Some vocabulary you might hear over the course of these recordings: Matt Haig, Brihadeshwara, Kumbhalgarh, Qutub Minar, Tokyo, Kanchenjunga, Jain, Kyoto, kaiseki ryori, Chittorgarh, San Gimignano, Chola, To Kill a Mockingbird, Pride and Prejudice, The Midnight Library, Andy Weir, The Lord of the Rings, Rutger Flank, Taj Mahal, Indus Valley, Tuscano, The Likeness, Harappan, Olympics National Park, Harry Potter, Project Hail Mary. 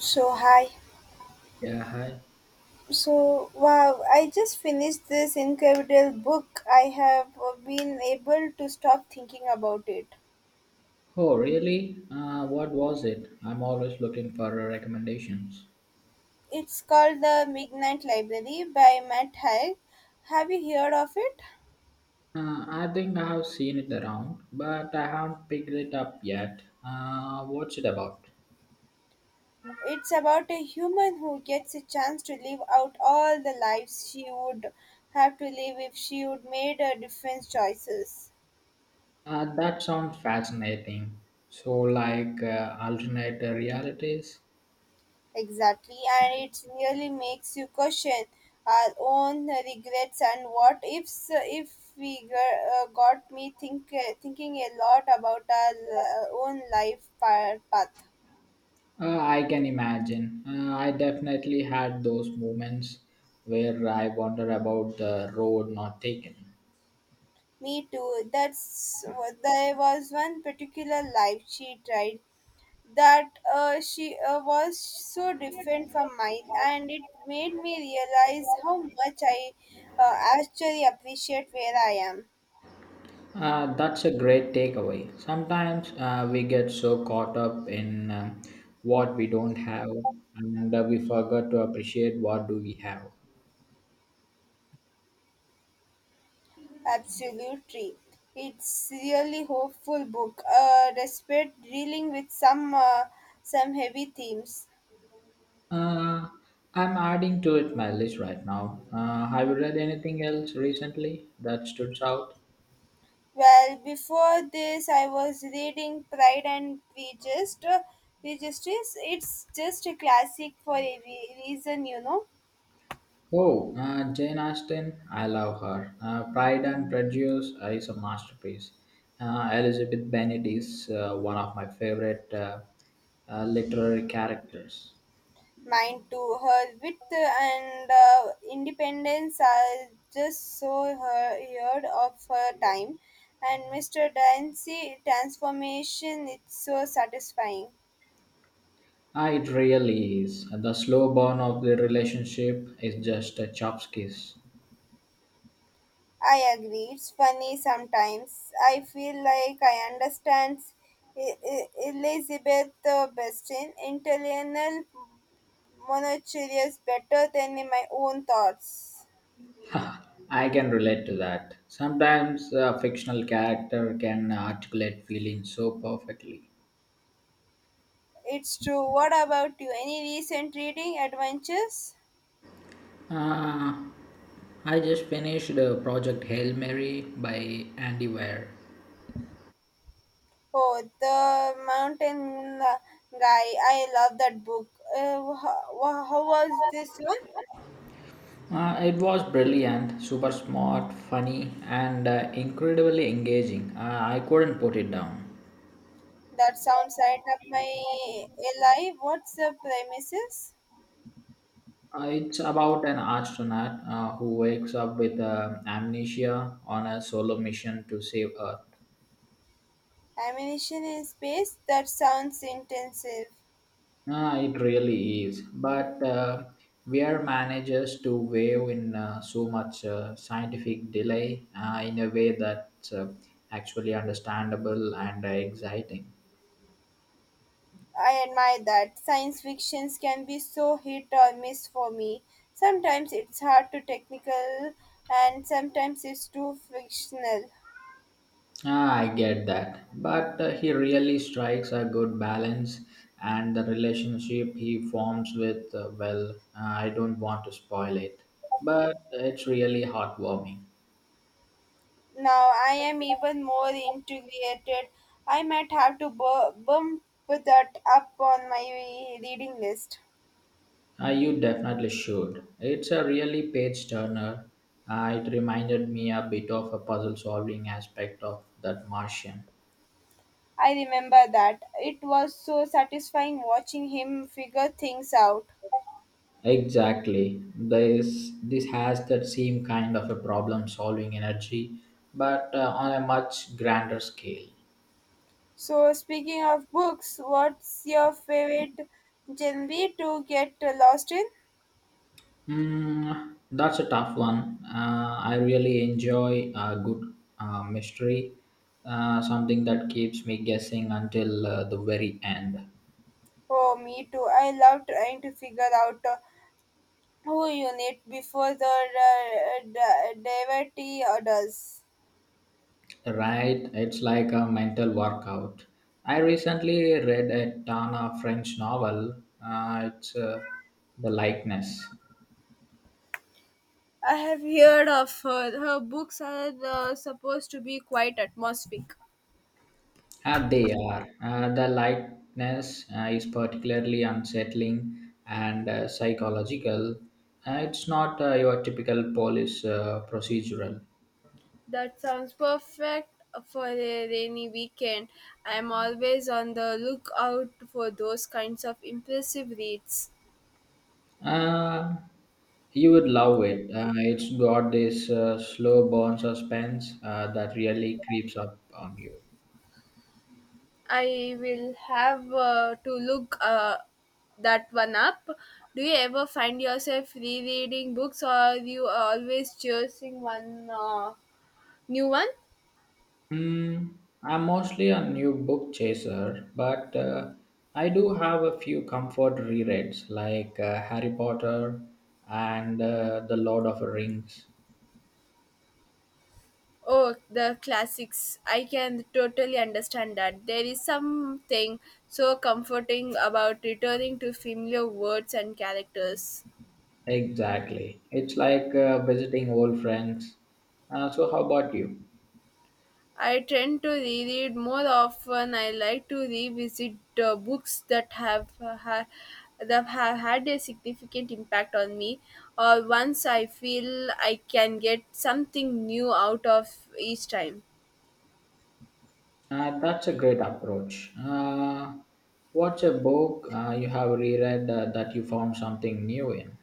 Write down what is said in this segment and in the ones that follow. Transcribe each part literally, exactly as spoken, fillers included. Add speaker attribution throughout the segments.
Speaker 1: So hi.
Speaker 2: Yeah, hi.
Speaker 1: So wow, I just finished this incredible book. I have uh, been able to stop thinking about it.
Speaker 2: Oh, really? Uh, what was it? I'm always looking for uh, recommendations.
Speaker 1: It's called The Midnight Library by Matt Haig. Have you heard of it?
Speaker 2: Uh, I think I have seen it around, but I haven't picked it up yet. Uh, what's it about?
Speaker 1: It's about a human who gets a chance to live out all the lives she would have to live if she would made a different choices.
Speaker 2: Uh, that sounds fascinating. So, like uh, alternate realities?
Speaker 1: Exactly, and it really makes you question our own regrets and what ifs. If we g- uh, Got me think uh, thinking a lot about our uh, own life pa- path.
Speaker 2: Uh, I can imagine. Uh, I definitely had those moments where I wonder about the road not taken.
Speaker 1: Me too. That's There was one particular life she tried that uh, she uh, was so different from mine, and it made me realize how much I uh, actually appreciate where I am.
Speaker 2: Uh, that's a great takeaway. Sometimes uh, we get so caught up in um what we don't have, and uh, we forget to appreciate what do we have.
Speaker 1: Absolutely. It's really hopeful book, uh, despite dealing with some uh, some heavy themes.
Speaker 2: Uh, I'm adding to it my list right now. Uh, have you read anything else recently that stood out?
Speaker 1: Well, before this, I was reading Pride and Prejudice. uh, Prejudice. It's just a classic for a re- reason, you know.
Speaker 2: Oh, uh, Jane Austen, I love her. Uh, Pride and Prejudice uh, is a masterpiece. Uh, Elizabeth Bennet is uh, one of my favorite uh, uh, literary characters.
Speaker 1: Mine too. Her wit and uh, independence are just so her heard of her time, and Mister Dancy transformation. It's so satisfying.
Speaker 2: Ah, it really is. The slow burn of the relationship is just a chop's kiss.
Speaker 1: I agree. It's funny sometimes. I feel like I understand E- E- Elizabeth uh, Bestin, internal monochilious better than in my own thoughts.
Speaker 2: I can relate to that. Sometimes a fictional character can articulate feelings so perfectly.
Speaker 1: It's true. What about you? Any recent reading adventures?
Speaker 2: Uh, I just finished uh, Project Hail Mary by Andy Weir.
Speaker 1: Oh, The Mountain uh, Guy. I love that book. Uh, how, how was this one?
Speaker 2: Uh, it was brilliant, super smart, funny, and uh, incredibly engaging. Uh, I couldn't put it down.
Speaker 1: That sounds right up my alley. What's the premises?
Speaker 2: Uh, it's about an astronaut uh, who wakes up with uh, amnesia on a solo mission to save Earth.
Speaker 1: Ammunition in space? That sounds intensive.
Speaker 2: Ah, it really is. But uh, Weir manages to wave in uh, so much uh, scientific delay uh, in a way that's uh, actually understandable and uh, exciting.
Speaker 1: I admire that. Science fictions can be so hit or miss for me. Sometimes it's hard to technical and sometimes it's too fictional.
Speaker 2: Ah, I get that. But uh, he really strikes a good balance, and the relationship he forms with, uh, well, uh, I don't want to spoil it, but it's really heartwarming.
Speaker 1: Now I am even more integrated. I might have to bu- bump that up on my reading list.
Speaker 2: Uh, you definitely should. It's a really page turner. Uh, it reminded me a bit of a puzzle solving aspect of that Martian.
Speaker 1: I remember that. It was so satisfying watching him figure things out.
Speaker 2: Exactly. This, this has that same kind of a problem solving energy, but uh, on a much grander scale.
Speaker 1: So, speaking of books, what's your favorite genre to get lost in?
Speaker 2: Mm, that's a tough one. Uh, I really enjoy a good uh, mystery, uh, something that keeps me guessing until uh, the very end.
Speaker 1: Oh, me too. I love trying to figure out uh, who you need before the uh, d- devotee does.
Speaker 2: Right? It's like a mental workout. I recently read a ton of French novel. Uh, it's uh, The Likeness.
Speaker 1: I have heard of her. Her books are uh, supposed to be quite atmospheric.
Speaker 2: Uh, they are. Uh, the lightness uh, is particularly unsettling and uh, psychological. Uh, it's not uh, your typical police uh, procedural.
Speaker 1: That sounds perfect for a rainy weekend. I am always on the lookout for those kinds of impressive reads.
Speaker 2: Uh, you would love it. Uh, it's got this uh, slow burn suspense uh, that really creeps up on you.
Speaker 1: I will have uh, to look uh, that one up. Do you ever find yourself rereading books, or you always choosing one uh, new one?
Speaker 2: Hmm, I'm mostly a new book chaser, but uh, I do have a few comfort rereads like uh, Harry Potter and uh, The Lord of the Rings.
Speaker 1: Oh, the classics! I can totally understand that. There is something so comforting about returning to familiar words and characters.
Speaker 2: Exactly. It's like uh, visiting old friends. Uh, so, how about you?
Speaker 1: I tend to reread more often. I like to revisit uh, books that have uh, ha- that have had a significant impact on me, or once I feel I can get something new out of each time.
Speaker 2: Uh, that's a great approach. Uh, what's a book uh, you have reread uh, that you found something new in?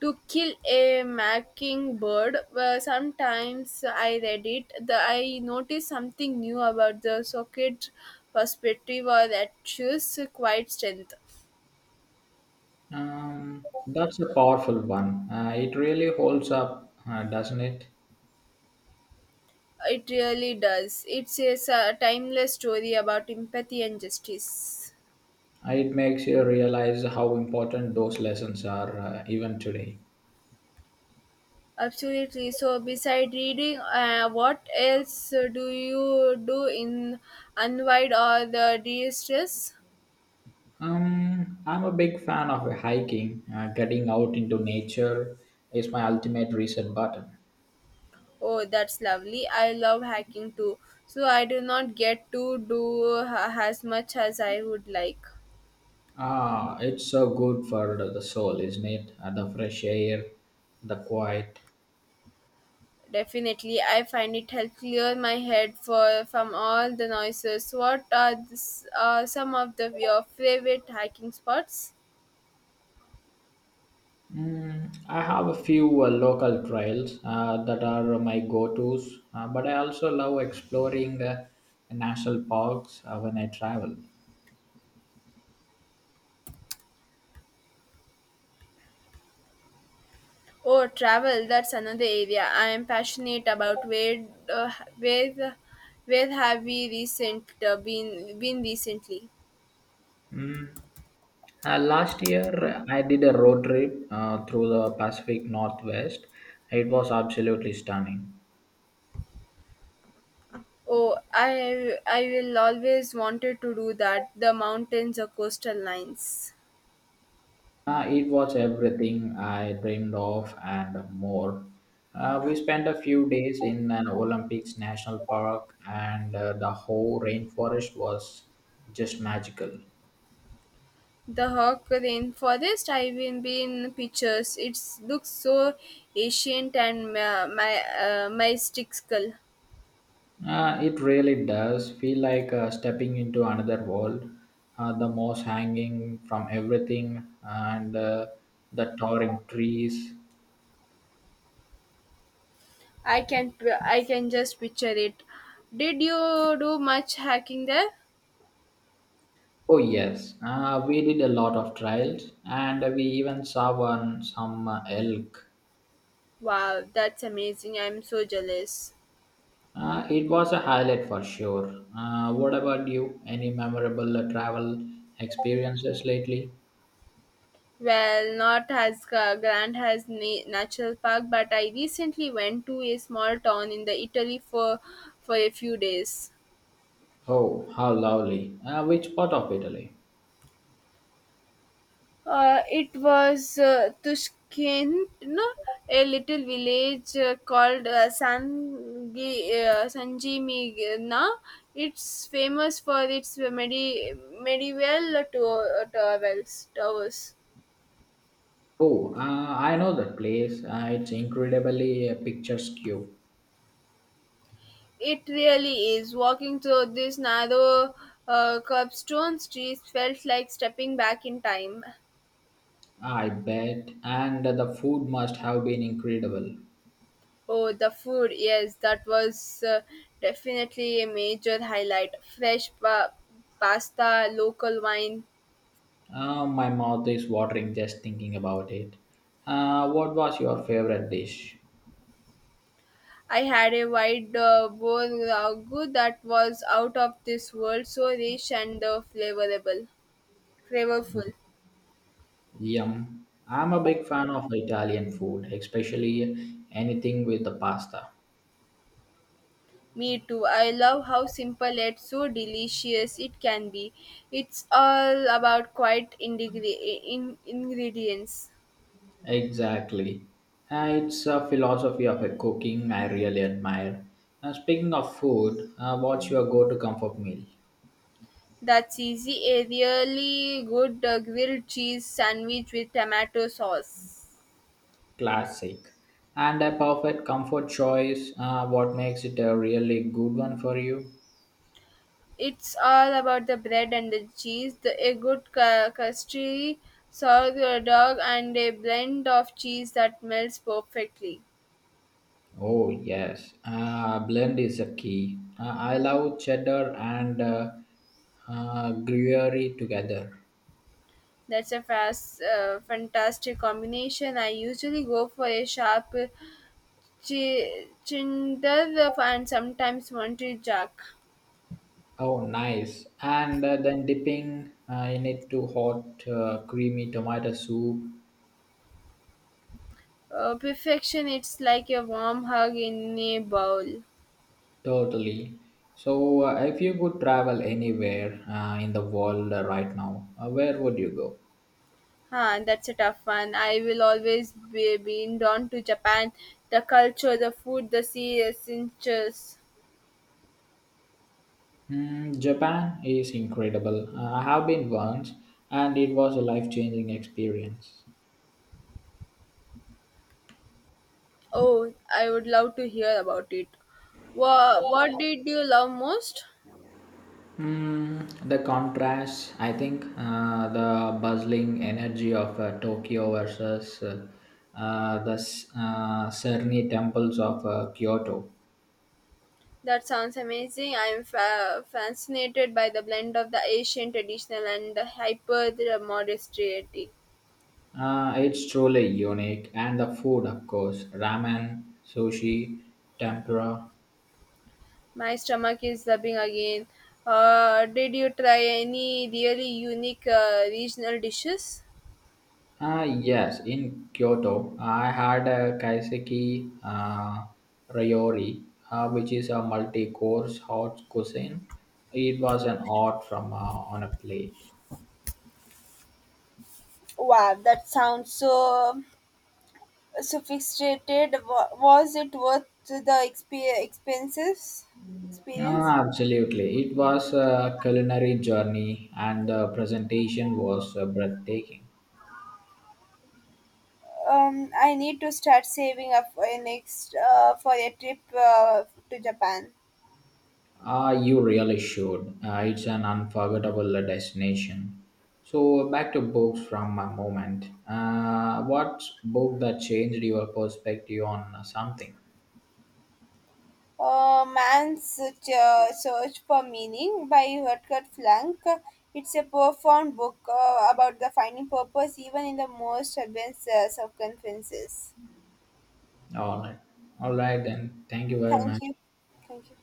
Speaker 1: To Kill a Mockingbird, uh, sometimes I read it. The, I noticed something new about the socket perspective or that shows quite strength.
Speaker 2: Um, that's a powerful one. Uh, it really holds up, uh, doesn't it?
Speaker 1: It really does. It's a s- timeless story about empathy and justice.
Speaker 2: It makes you realize how important those lessons are uh, even today.
Speaker 1: Absolutely. So, beside reading, uh, what else do you do in unwind or the de-stress?
Speaker 2: Um, I'm a big fan of hiking. Uh, getting out into nature is my ultimate reset button.
Speaker 1: Oh, that's lovely. I love hacking too. So I do not get to do ha- as much as I would like.
Speaker 2: Ah, it's so good for the the soul, isn't it? Uh, the fresh air, the quiet.
Speaker 1: Definitely, I find it helps clear my head for from all the noises. What are this, uh, some of the your favorite hiking spots?
Speaker 2: Mm, I have a few uh, local trails uh, that are my go-tos, uh, but I also love exploring uh, national parks uh, when I travel.
Speaker 1: Oh, travel, that's another area I am passionate about. Where uh, where where have we recent uh, been been recently?
Speaker 2: Mm. Uh, last year, I did a road trip uh, through the Pacific Northwest. It was absolutely stunning.
Speaker 1: Oh, I I will always wanted to do that. The mountains, the coastal lines,
Speaker 2: Uh, it was everything I dreamed of and more. Uh, we spent a few days in an Olympics National Park, and uh, the whole rainforest was just magical.
Speaker 1: the Hawk rainforest. I've been been pictures. It looks so ancient and uh, my uh, mystical.
Speaker 2: Uh, it really does feel like uh, stepping into another world. Uh, the moss hanging from everything and uh, the towering trees.
Speaker 1: I can I can just picture it. Did you do much hacking there?
Speaker 2: Oh yes, uh, we did a lot of trials, and we even saw one some uh, elk.
Speaker 1: Wow, that's amazing. I'm so jealous.
Speaker 2: Uh, it was a highlight for sure. Uh, what about you? Any memorable uh, travel experiences lately?
Speaker 1: Well, not as uh, grand as na- Natural Park, but I recently went to a small town in the Italy for for a few days.
Speaker 2: Oh, how lovely! Uh, which part of Italy?
Speaker 1: Uh, it was uh, Tuscano, a little village uh, called uh, San Gi- uh, San Gimignano. It's famous for its medi- medieval to- towers. Towers.
Speaker 2: Oh, uh, I know that place. Uh, it's incredibly uh, picturesque.
Speaker 1: It really is. Walking through these narrow uh, cobblestone streets felt like stepping back in time.
Speaker 2: I bet, and the food must have been incredible.
Speaker 1: Oh, the food, yes, that was uh, definitely a major highlight. Fresh pa- pasta, local wine.
Speaker 2: Uh, my mouth is watering just thinking about it. Uh, what was your favorite dish?
Speaker 1: I had a wide uh, bowl ragu that was out of this world, so rich and uh, flavorable, flavorful.
Speaker 2: Yum. I'm a big fan of Italian food, especially anything with the pasta.
Speaker 1: Me too. I love how simple yet so delicious it can be. It's all about quiet indigre- in- ingredients.
Speaker 2: Exactly. Uh, it's a philosophy of a cooking I really admire. Uh, speaking of food, uh, what's your go to comfort meal?
Speaker 1: That's easy. A really good uh, grilled cheese sandwich with tomato sauce.
Speaker 2: Classic. And a perfect comfort choice, uh, what makes it a really good one for you?
Speaker 1: It's all about the bread and the cheese, the, a good cu- custard, sourdough, and a blend of cheese that melts perfectly.
Speaker 2: Oh yes, uh, blend is a key. Uh, I love cheddar and uh, uh, gruyere together.
Speaker 1: That's a fast, uh, fantastic combination. I usually go for a sharp Chi- Chinderov and sometimes Monty Jack.
Speaker 2: Oh nice! And uh, then dipping uh, in it to hot uh, creamy tomato soup.
Speaker 1: Uh, perfection, it's like a warm hug in a bowl.
Speaker 2: Totally. So uh, if you could travel anywhere uh, in the world uh, right now, uh, where would you go?
Speaker 1: Huh, that's a tough one. I will always be being drawn to Japan. The culture, the food, the sea essentials.
Speaker 2: Hmm, Japan is incredible. Uh, I have been once, and it was a life-changing experience.
Speaker 1: Oh, I would love to hear about it. What, what did you love most?
Speaker 2: Mm, the contrast, I think, uh, the bustling energy of uh, Tokyo versus uh, uh, the s- uh, serene temples of uh, Kyoto.
Speaker 1: That sounds amazing. I'm fa- fascinated by the blend of the Asian traditional and the hyper modernity.
Speaker 2: Uh, it's truly unique, and the food, of course, ramen, sushi, tempura.
Speaker 1: My stomach is rubbing again. Uh, did you try any really unique uh, regional dishes?
Speaker 2: Uh, yes, in Kyoto, I had a kaiseki uh, ryori, uh, which is a multi-course hot cuisine. It was an art from uh, on a plate.
Speaker 1: Wow, that sounds so sophisticated. Wa- Was it worth the expe- expenses? Experience?
Speaker 2: Ah, absolutely. It was a culinary journey, and the presentation was uh, breathtaking.
Speaker 1: Um, I need to start saving up for a next uh, for a trip uh, to Japan.
Speaker 2: Ah, you really should. Uh, it's an unforgettable uh, destination. So, back to books from my moment. Uh, what book that changed your perspective on something?
Speaker 1: uh, man's uh, search for meaning by Rutger Flank. It's a profound book uh, about the finding purpose even in the most advanced uh, circumstances.
Speaker 2: All right. All right, then. Thank you very
Speaker 1: Thank
Speaker 2: much.
Speaker 1: you. Thank you.